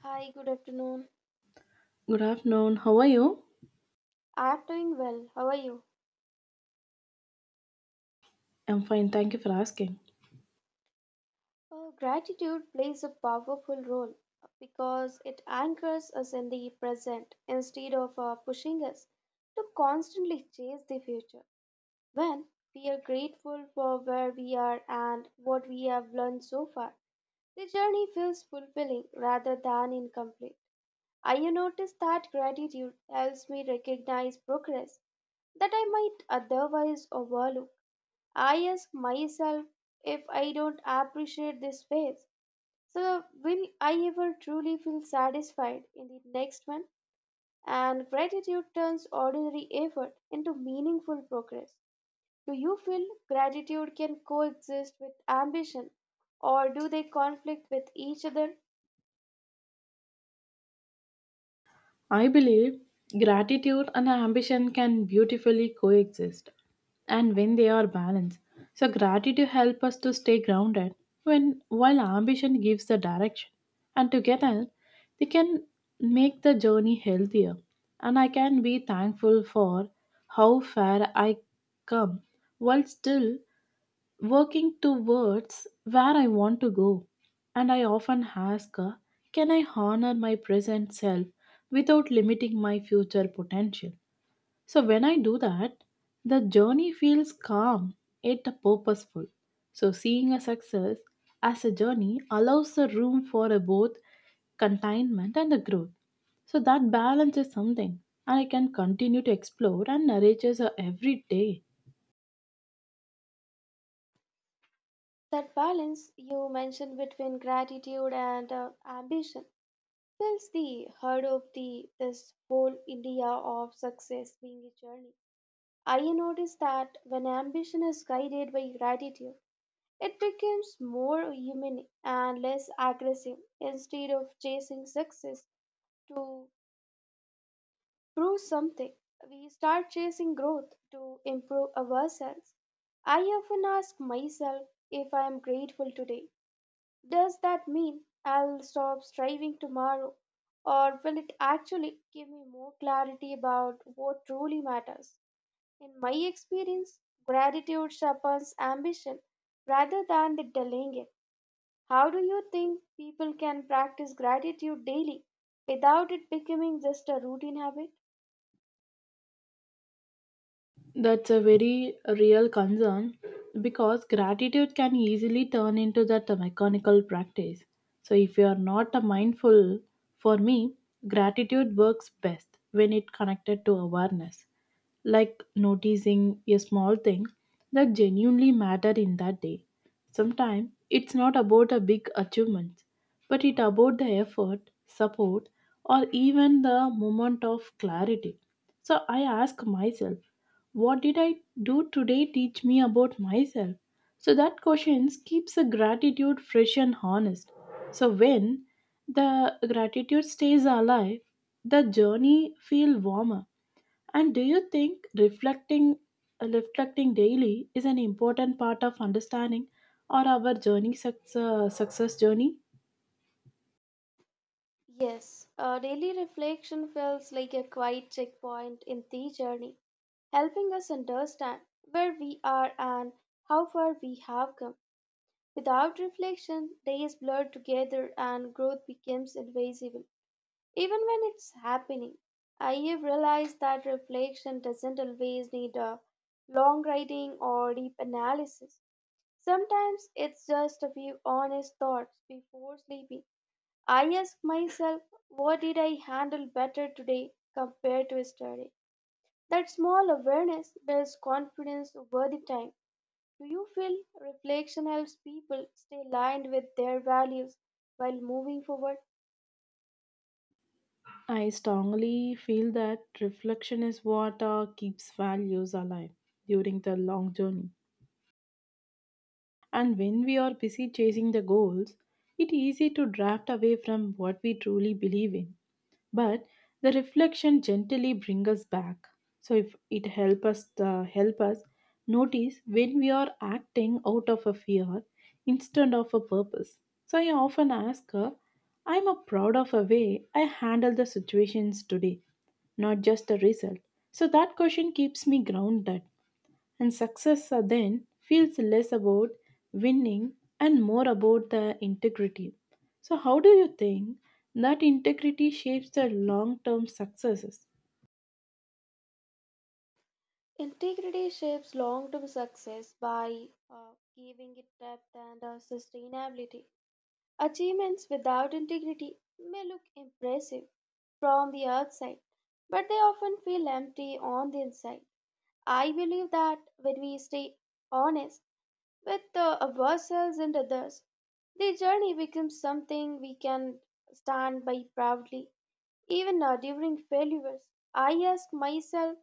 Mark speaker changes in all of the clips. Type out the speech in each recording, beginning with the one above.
Speaker 1: Hi, good afternoon.
Speaker 2: Good afternoon. How are you?
Speaker 1: I'm doing well. How are you?
Speaker 2: I'm fine. Thank you for asking.
Speaker 1: Gratitude plays a powerful role because it anchors us in the present instead of pushing us to constantly chase the future. When we are grateful for where we are and what we have learned so far, the journey feels fulfilling rather than incomplete. I noticed that gratitude helps me recognize progress that I might otherwise overlook. I ask myself, if I don't appreciate this phase, so will I ever truly feel satisfied in the next one? And gratitude turns ordinary effort into meaningful progress. Do you feel gratitude can coexist with ambition, or do they conflict with each other?
Speaker 2: I believe gratitude and ambition can beautifully coexist and when they are balanced. So gratitude helps us to stay grounded when while ambition gives the direction. And together they can make the journey healthier. And I can be thankful for how far I come while still working towards where I want to go. And I often ask, can I honor my present self without limiting my future potential? So when I do that, the journey feels calm yet purposeful. So seeing a success as a journey allows the room for a both containment and a growth. So that balance is something I can continue to explore and nurture every day.
Speaker 1: That balance you mentioned between gratitude and ambition fills the heart of the this whole idea of success being a journey. I noticed that when ambition is guided by gratitude, it becomes more human and less aggressive. Instead of chasing success to prove something, we start chasing growth to improve ourselves. I often ask myself, if I am grateful today, does that mean I'll stop striving tomorrow? Or will it actually give me more clarity about what truly matters? In my experience, gratitude sharpens ambition rather than the delaying it. How do you think people can practice gratitude daily without it becoming just a routine habit?
Speaker 2: That's a very real concern because gratitude can easily turn into that mechanical practice. So, if you are not a mindful, for me, gratitude works best when it connected to awareness, like noticing a small thing that genuinely matter in that day. Sometimes it's not about a big achievement, but it's about the effort, support, or even the moment of clarity. So I ask myself, what did I do today teach me about myself? So that question keeps the gratitude fresh and honest. So when the gratitude stays alive, the journey feel warmer. And do you think reflecting daily is an important part of understanding or our journey success, success journey?
Speaker 1: Yes, daily reflection feels like a quiet checkpoint in the journey, helping us understand where we are and how far we have come. Without reflection, days blur together and growth becomes invisible, even when it's happening. I have realized that reflection doesn't always need a long writing or deep analysis. Sometimes it's just a few honest thoughts before sleeping. I ask myself, what did I handle better today compared to yesterday? That small awareness builds confidence over the time. Do you feel reflection helps people stay aligned with their values while moving forward?
Speaker 2: I strongly feel that reflection is what keeps values alive during the long journey. And when we are busy chasing the goals, it is easy to drift away from what we truly believe in, but the reflection gently brings us back. So if it help us notice when we are acting out of a fear instead of a purpose. So I often ask her, I'm a proud of a way I handle the situations today, not just the result. So that question keeps me grounded, and success then feels less about winning and more about the integrity. So, how do you think that integrity shapes the long term successes?
Speaker 1: Integrity shapes long term success by giving it depth and sustainability. Achievements without integrity may look impressive from the outside, but they often feel empty on the inside. I believe that when we stay honest with ourselves and others, the journey becomes something we can stand by proudly. Even during failures, I ask myself,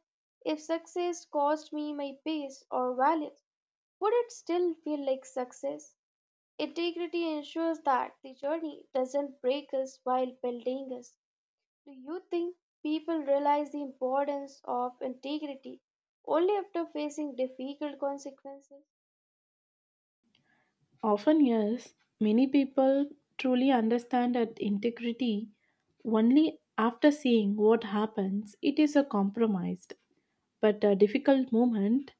Speaker 1: if success cost me my peace or values, would it still feel like success? Integrity ensures that the journey doesn't break us while building us. Do you think people realize the importance of integrity only after facing difficult consequences?
Speaker 2: Often, yes, many people truly understand that integrity only after seeing what happens, it is a compromised, but a difficult moment.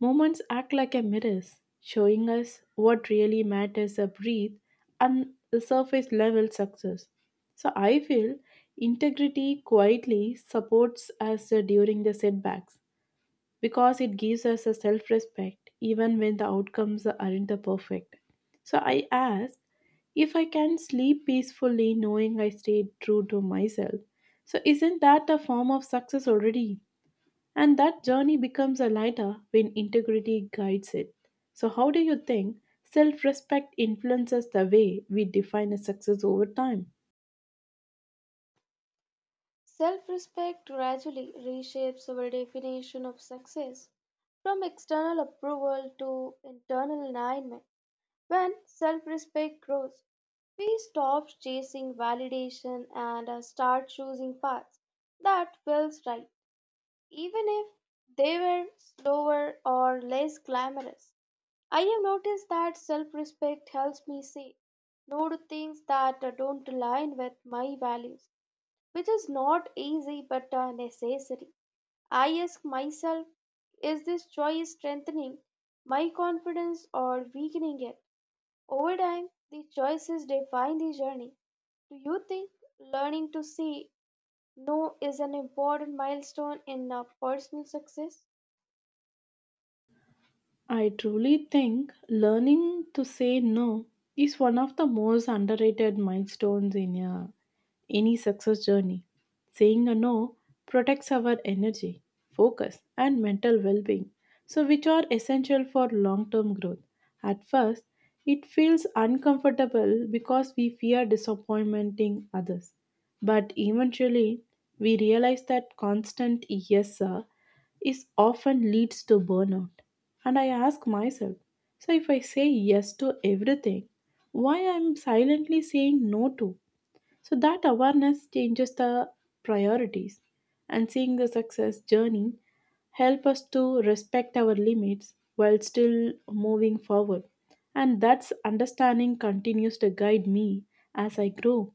Speaker 2: Moments act like a mirrors, showing us what really matters a breath and the surface level success. So I feel integrity quietly supports us during the setbacks because it gives us a self respect even when the outcomes aren't the perfect. So I ask if I can sleep peacefully knowing I stayed true to myself. So isn't that a form of success already? And that journey becomes a lighter when integrity guides it. So, how do you think self respect influences the way we define a success over time?
Speaker 1: Self respect gradually reshapes our definition of success from external approval to internal alignment. When self respect grows, we stop chasing validation and start choosing paths that feels right, even if they were slower or less glamorous. I have noticed that self respect helps me say no to things that don't align with my values, which is not easy but necessary. I ask myself, is this choice strengthening my confidence or weakening it? Over time, the choices define the journey. Do you think learning to say no is an important milestone in personal success?
Speaker 2: I truly think learning to say no is one of the most underrated milestones in a, any success journey. Saying a no protects our energy, focus, and mental well being, so which are essential for long term growth. At first, it feels uncomfortable because we fear disappointing others. But eventually, we realize that constant yes, sir is often leads to burnout. And I ask myself, so if I say yes to everything, why I'm silently saying no to? So that awareness changes the priorities, and seeing the success journey help us to respect our limits while still moving forward. And that's understanding continues to guide me as I grow.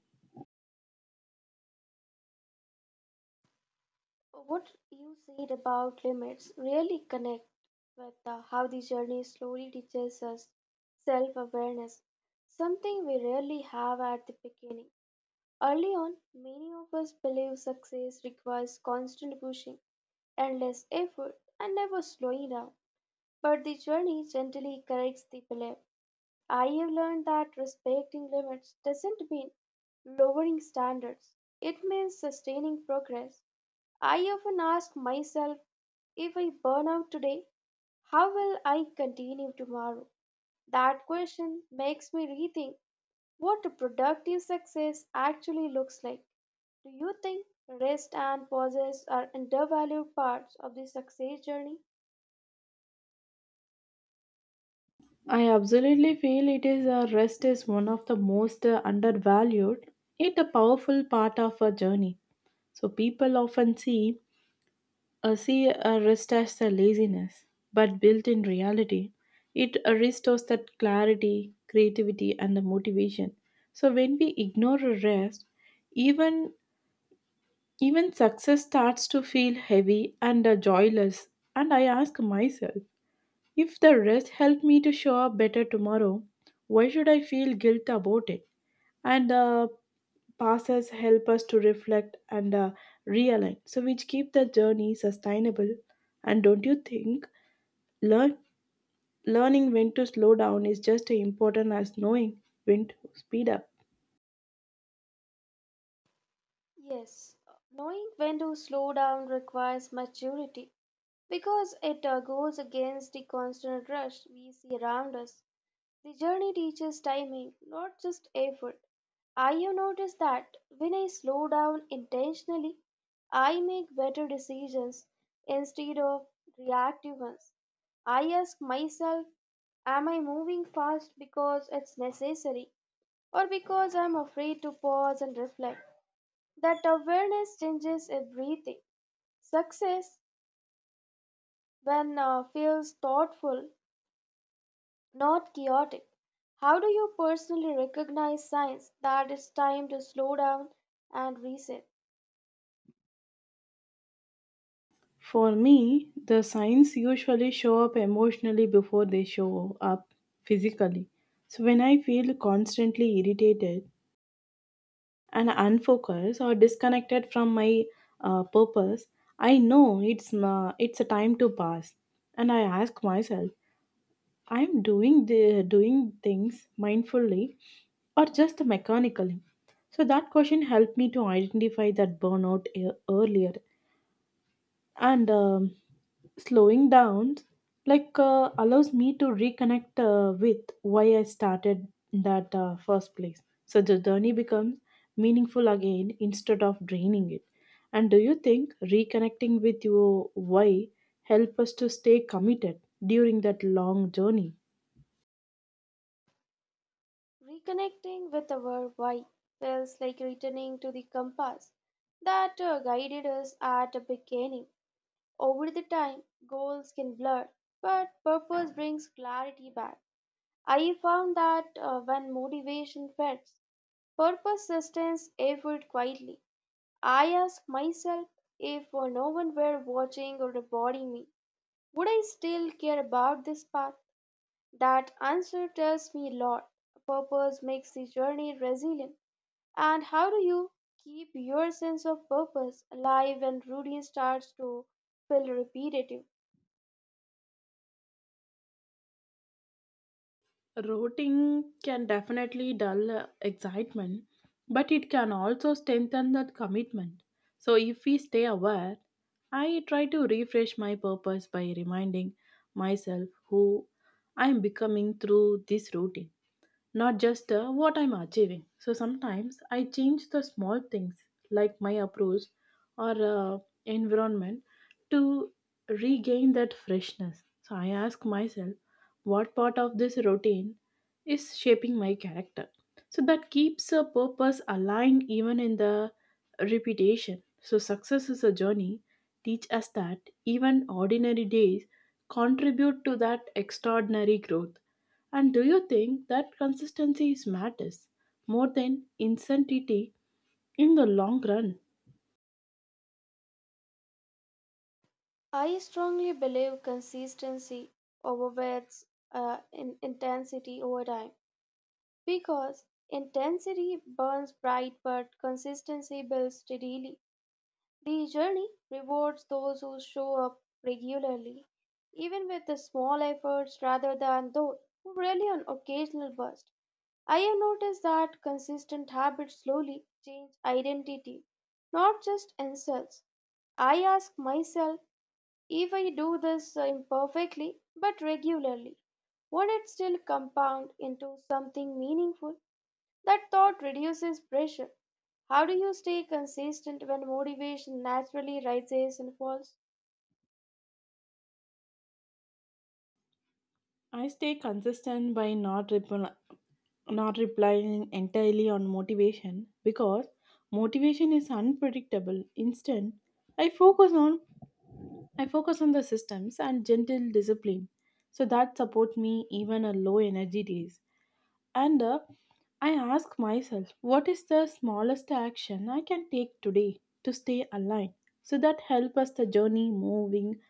Speaker 1: What you said about limits really connect with how the journey slowly teaches us self awareness, something we rarely have at the beginning. Early on, many of us believe success requires constant pushing, endless effort, and never slowing down. But the journey gently corrects the belief. I have learned that respecting limits doesn't mean lowering standards, it means sustaining progress. I often ask myself, if I burn out today, how will I continue tomorrow? That question makes me rethink what a productive success actually looks like. Do you think rest and pauses are undervalued parts of the success journey?
Speaker 2: I absolutely feel it is a rest is one of the most undervalued, yet a powerful part of a journey. So people often see a rest as a laziness, but built in reality, it restores that clarity, creativity, and the motivation. So when we ignore a rest, even even success starts to feel heavy and joyless. And I ask myself. If the rest helped me to show up better tomorrow, why should I feel guilt about it? And passes help us to reflect and realign, so which keep the journey sustainable. And don't you think learn, learning when to slow down is just as important as knowing when to speed up?
Speaker 1: Yes, knowing when to slow down requires maturity because it goes against the constant rush we see around us. The journey teaches timing, not just effort. I have noticed that when I slow down intentionally, I make better decisions instead of reactive ones. I ask myself, am I moving fast because it's necessary, or because I'm afraid to pause and reflect? That awareness changes everything. Success, when feels thoughtful, not chaotic. How do you personally recognize signs that it's time to slow down and reset?
Speaker 2: For me, the signs usually show up emotionally before they show up physically. So when I feel constantly irritated, and unfocused or disconnected from my purpose, I know it's a time to pass. And I ask myself, I'm doing things mindfully or just mechanically. So that question helped me to identify that earlier, and slowing down allows me to reconnect with why I started in that first place. So the journey becomes meaningful again instead of draining it. And do you think reconnecting with your why help us to stay committed during that long journey?
Speaker 1: Reconnecting with our why feels like returning to the compass that guided us at the beginning. Over the time, goals can blur, but purpose brings clarity back. I found that when motivation fades, purpose sustains effort quietly. I ask myself, if no one were watching or rewarding me, would I still care about this path? That answer tells me a lot. Purpose makes the journey resilient. And how do you keep your sense of purpose alive when routine starts to feel repetitive?
Speaker 2: Routing can definitely dull excitement, but it can also strengthen that commitment. So, if we stay aware, I try to refresh my purpose by reminding myself who I am becoming through this routine, not just what I'm achieving. So sometimes I change the small things like my approach or environment to regain that freshness. So I ask myself, what part of this routine is shaping my character? So that keeps a purpose aligned even in the repetition. So success is a journey. Teach us that even ordinary days contribute to that extraordinary growth. And do you think that consistency is matters more than insanity in the long run?
Speaker 1: I strongly believe consistency overweights in intensity over time, because intensity burns bright but consistency builds steadily. The journey rewards those who show up regularly, even with the small efforts, rather than those who rely on occasional bursts. I have noticed that consistent habits slowly change identity, not just insults. I ask myself, if I do this imperfectly but regularly, would it still compound into something meaningful? That thought reduces pressure. How do you stay consistent when motivation naturally rises and falls?
Speaker 2: I stay consistent by not relying entirely on motivation because motivation is unpredictable. Instead, I focus on I focus on the systems and gentle discipline so that support me even on low energy days. And I ask myself, what is the smallest action I can take today to stay aligned? So that help us the journey moving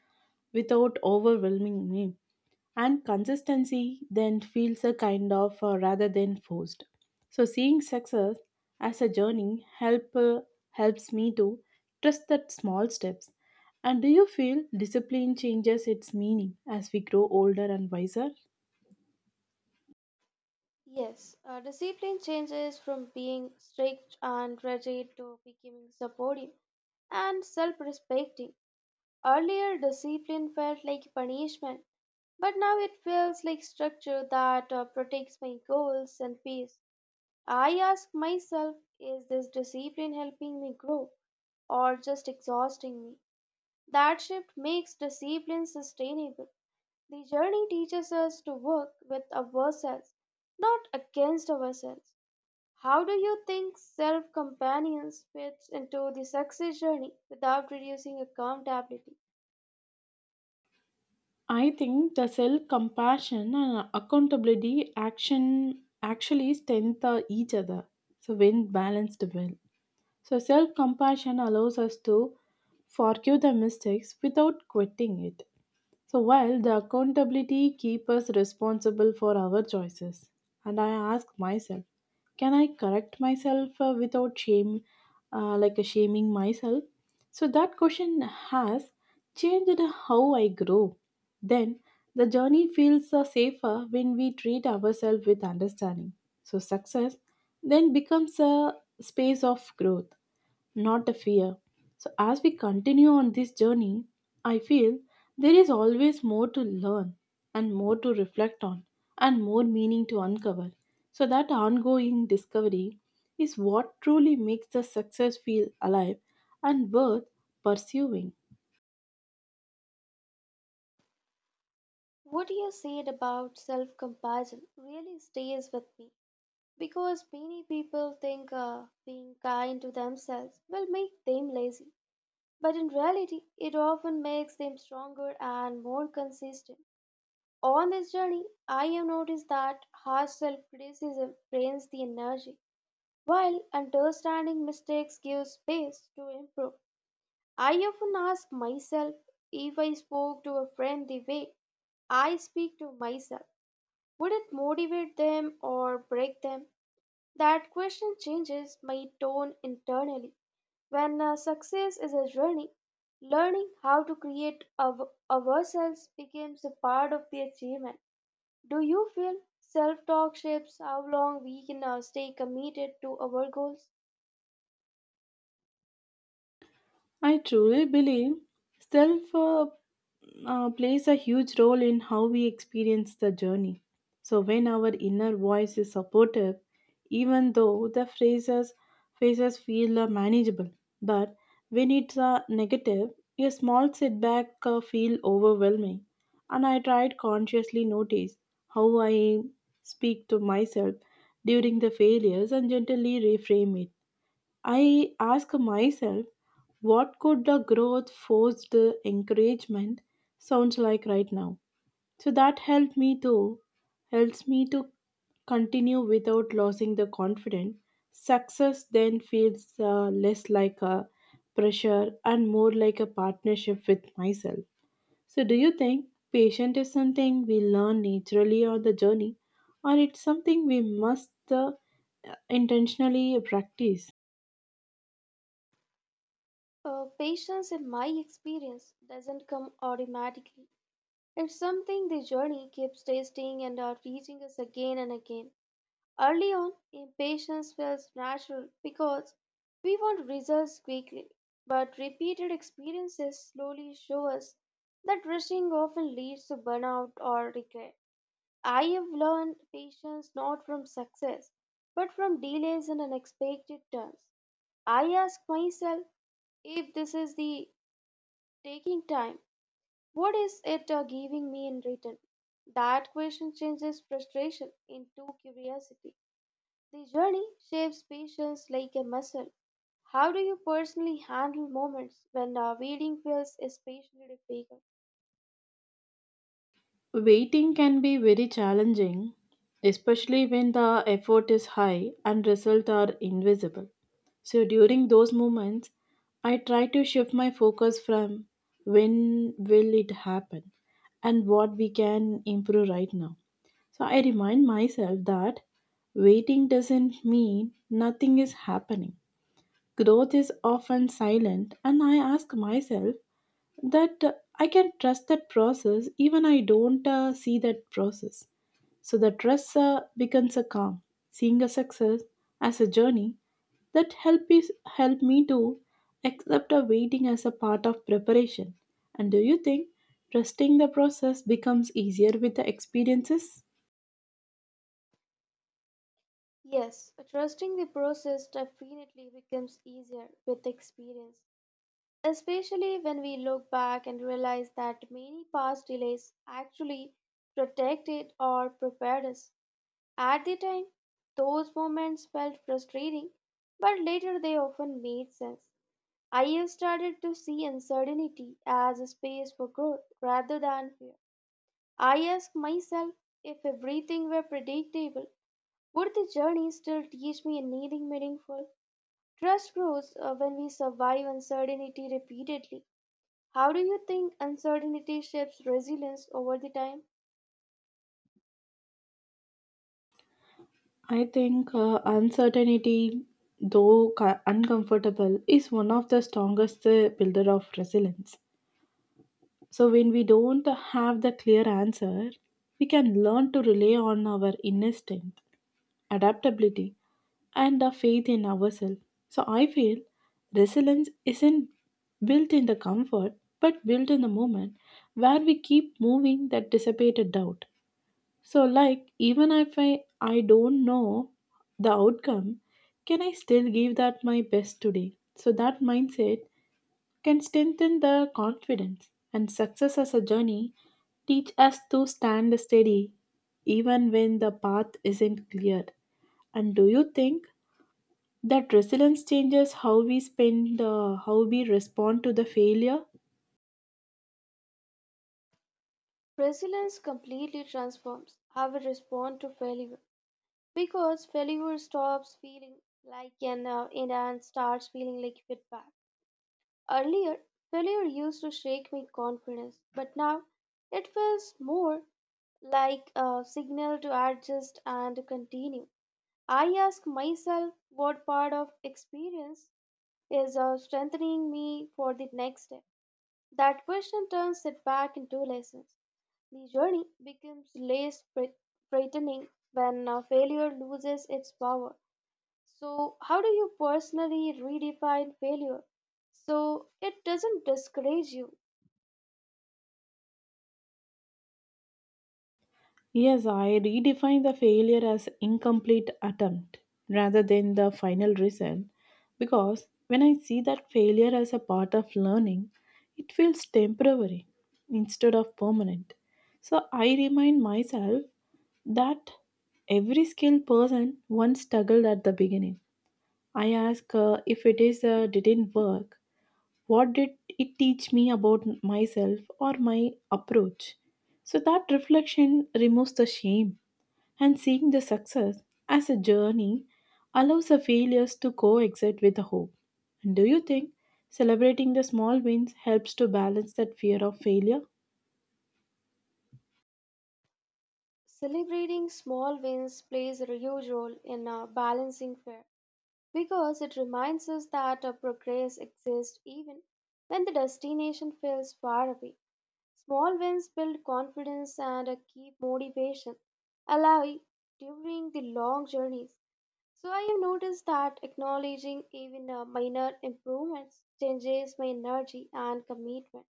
Speaker 2: without overwhelming me. And consistency then feels a kind of rather than forced. So seeing success as a journey helps me to trust that small steps. And do you feel discipline changes its meaning as we grow older and wiser?
Speaker 1: Yes, discipline changes from being strict and rigid to becoming supportive and self respecting. Earlier, discipline felt like punishment, but now it feels like structure that protects my goals and peace. I ask myself, is this discipline helping me grow or just exhausting me? That shift makes discipline sustainable. The journey teaches us to work with ourselves, not against ourselves. How do you think self companions fits into the success journey without reducing accountability?
Speaker 2: I think the self compassion and accountability action actually strengthen each other. So when balanced well. So self compassion allows us to forgive the mistakes without quitting it. So while the accountability keeps us responsible for our choices, and I ask myself, can I correct myself without shame, shaming myself? So that question has changed how I grow. Then the journey feels safer when we treat ourselves with understanding. So success then becomes a space of growth not the fear. So, as we continue on this journey, I feel there is always more to learn and more to reflect on and more meaning to uncover. So, that ongoing discovery is what truly makes the success feel alive and worth pursuing.
Speaker 1: What you said about self compassion really stays with me because many people think being kind to themselves will make them lazy. But in reality, it often makes them stronger and more consistent. On this journey, I have noticed that harsh self criticism drains the energy, while understanding mistakes gives space to improve. I often ask myself, if I spoke to a friend the way I speak to myself, would it motivate them or break them? That question changes my tone internally. When success is a journey, learning how to create ourselves becomes a part of the achievement. Do you feel self-talk shapes how long we can stay committed to our goals?
Speaker 2: I truly believe self plays a huge role in how we experience the journey. So, when our inner voice is supportive, even though the phases feel manageable, but when it's negative, a small setback feel overwhelming. And I tried consciously notice how I speak to myself during the failures and gently reframe it. I ask myself, what could the growth forced encouragement sounds like right now? So that helped me to helps me to continue without losing the confidence. Success then feels less like a pressure and more like a partnership with myself. So, do you think patience is something we learn naturally on the journey, or it's something we must intentionally practice?
Speaker 1: Patience, in my experience, doesn't come automatically. It's something the journey keeps testing and teaching us again and again. Early on, impatience feels natural because we want results quickly, but repeated experiences slowly show us that rushing often leads to burnout or regret. I have learned patience not from success, but from delays and unexpected turns. I ask myself, if this is the taking time, what is it giving me in return? That question changes frustration into curiosity. The journey shapes patience like a muscle. How do you personally handle moments when waiting feels especially difficult?
Speaker 2: Waiting can be very challenging, especially when the effort is high and results are invisible. So during those moments, I try to shift my focus from when will it happen and what we can improve right now. So I remind myself that waiting doesn't mean nothing is happening. Growth is often silent, and I ask myself that I can trust that process even I don't see that process. So the trust becomes a calm, seeing a success as a journey that help me to accept a waiting as a part of preparation. And do you think trusting the process becomes easier with the experiences?
Speaker 1: Yes, trusting the process definitely becomes easier with experience, especially when we look back and realize that many past delays actually protected or prepared us. At the time, those moments felt frustrating, but later they often made sense. I have started to see uncertainty as a space for growth rather than fear. I ask myself, if everything were predictable, would the journey still teach me anything meaningful? Trust grows when we survive uncertainty repeatedly. How do you think uncertainty shapes resilience over the time?
Speaker 2: I think uncertainty, though uncomfortable, is one of the strongest builder of resilience. So, when we don't have the clear answer, we can learn to rely on our inner strength, adaptability, and the faith in ourselves. So, I feel resilience isn't built in the comfort but built in the moment where we keep moving that dissipated doubt. So, like, even if I, I don't know the outcome, can I still give that my best today? So, that mindset can strengthen the confidence, and success as a journey teach us to stand steady even when the path isn't clear. And do you think that resilience changes how we spend how we respond to the failure?
Speaker 1: Resilience completely transforms how we respond to failure, because failure stops feeling like an end and starts feeling like feedback. Earlier, failure used to shake my confidence, but now it feels more like a signal to adjust and to continue. I ask myself, what part of experience is strengthening me for the next step. That question turns setback into lessons. The journey becomes less frightening when failure loses its power. So, how do you personally redefine failure so it doesn't discourage you?
Speaker 2: Yes, I redefine the failure as incomplete attempt rather than the final result because when I see that failure as a part of learning, it feels temporary instead of permanent. So I remind myself that every skilled person once struggled at the beginning. I ask if it is didn't work, what did it teach me about myself or my approach? So that reflection removes the shame, and seeing the success as a journey allows the failures to coexist with the hope. And do you think celebrating the small wins helps to balance that fear of failure?
Speaker 1: Celebrating small wins plays a huge role in balancing fear, because it reminds us that progress exists even when the destination feels far away. Small wins build confidence and keep motivation alive during the long journeys. So I have noticed that acknowledging even minor improvements changes my energy and commitment.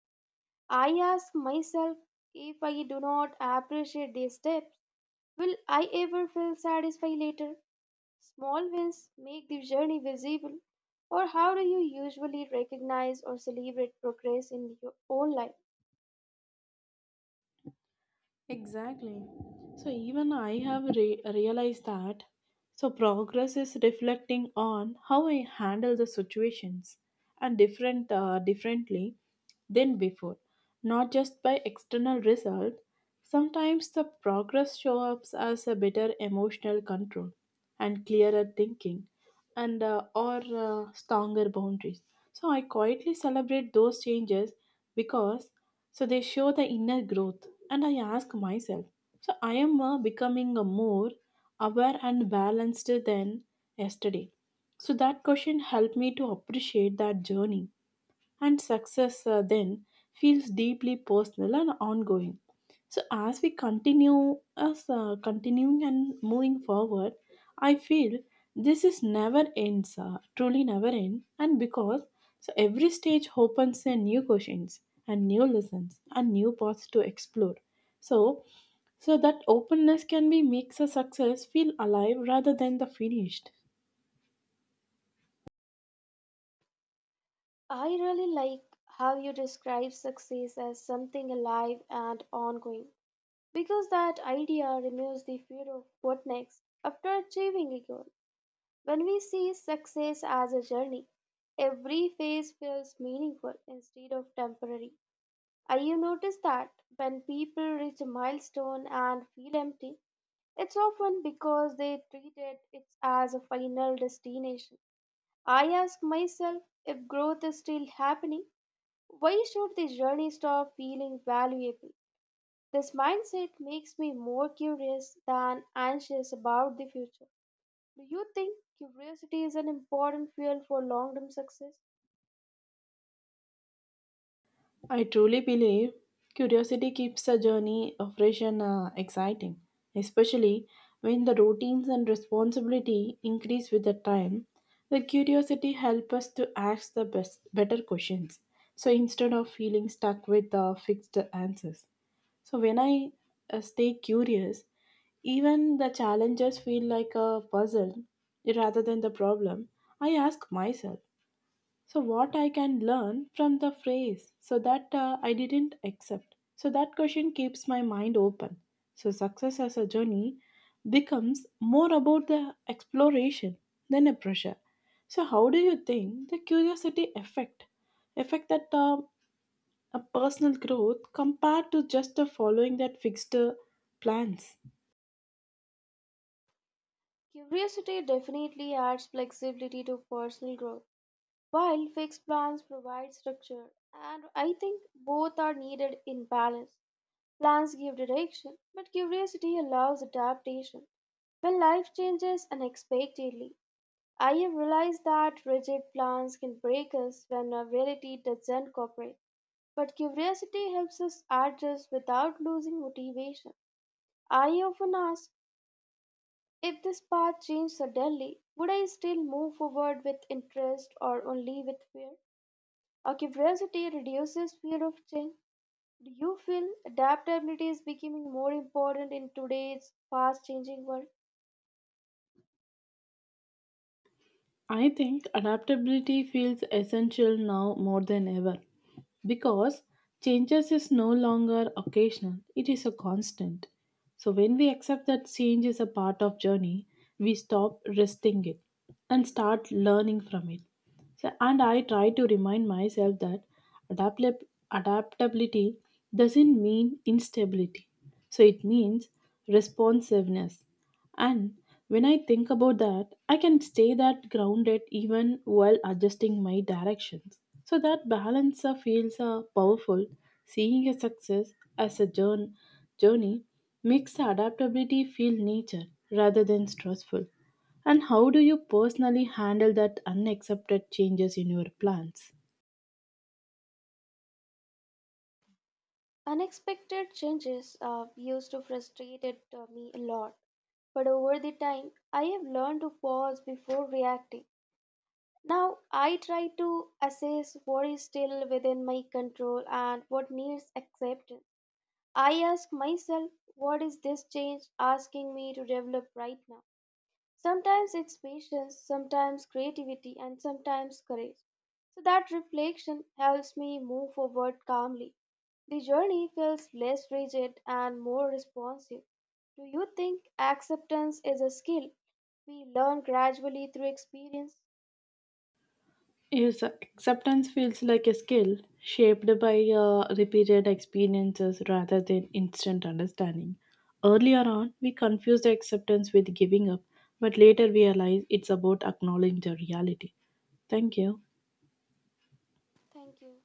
Speaker 1: I ask myself, if I do not appreciate these steps, will I ever feel satisfied later? Small wins make the journey visible. Or how do you usually recognize or celebrate progress in your own life?
Speaker 2: Exactly. So even I have realized that. So progress is reflecting on how I handle the situations and differently than before, not just by external result. Sometimes the progress shows up as a better emotional control and clearer thinking and or stronger boundaries. So I quietly celebrate those changes because so they show the inner growth. And I ask myself, so I am becoming a more aware and balanced than yesterday. So that question helped me to appreciate that journey, and success then feels deeply personal and ongoing. So as we continue, as continuing and moving forward, I feel this is never ends, truly never end, and because so every stage opens a new questions and new lessons and new paths to explore. So, so that openness can be makes a success feel alive rather than the finished.
Speaker 1: I really like how you describe success as something alive and ongoing, because that idea removes the fear of what next after achieving a goal. When we see success as a journey, every phase feels meaningful instead of temporary. I have noticed that when people reach a milestone and feel empty, it's often because they treated it as a final destination. I ask myself, if growth is still happening, why should this journey stop feeling valuable? This mindset makes me more curious than anxious about the future. Do you think curiosity is an important fuel for long term success?
Speaker 2: I truly believe curiosity keeps the journey of fresh and exciting, especially when the routines and responsibility increase with the time. The curiosity helps us to ask the best, better questions. So instead of feeling stuck with the fixed answers. So when I stay curious, even the challenges feel like a puzzle rather than the problem. I ask myself so, what I can learn from the phrase so that I didn't accept. So, that question keeps my mind open. So, success as a journey becomes more about the exploration than a pressure. So, how do you think the curiosity effect effect that a personal growth compared to just following that fixed plans?
Speaker 1: Curiosity definitely adds flexibility to personal growth, while fixed plans provide structure, and I think both are needed in balance. Plans give direction, but curiosity allows adaptation. When life changes unexpectedly, I have realized that rigid plans can break us when our reality doesn't cooperate, but curiosity helps us adjust without losing motivation. I often ask, if this path changed suddenly, would I still move forward with interest or only with fear? Our curiosity reduces fear of change. Do you feel adaptability is becoming more important in today's fast changing world?
Speaker 2: I think adaptability feels essential now more than ever because changes is no longer occasional, it is a constant. So when we accept that change is a part of journey, we stop resisting it and start learning from it. So, and I try to remind myself that adaptab- adaptability doesn't mean instability. So it means responsiveness. And when I think about that, I can stay that grounded even while adjusting my directions. So that balance feels powerful. Seeing a success as a journey makes adaptability feel nature rather than stressful. And how do you personally handle that unaccepted changes in your plans?
Speaker 1: Unexpected changes used to frustrate me a lot, but over the time, I have learned to pause before reacting. Now, I try to assess what is still within my control and what needs acceptance. I ask myself, what is this change asking me to develop right now? Sometimes it's patience, sometimes creativity, and sometimes courage. So that reflection helps me move forward calmly. The journey feels less rigid and more responsive. Do you think acceptance is a skill we learn gradually through experience?
Speaker 2: Yes, acceptance feels like a skill shaped by repeated experiences rather than instant understanding. Earlier on, we confused acceptance with giving up, but later we realize it's about acknowledging the reality. Thank you.
Speaker 1: Thank you.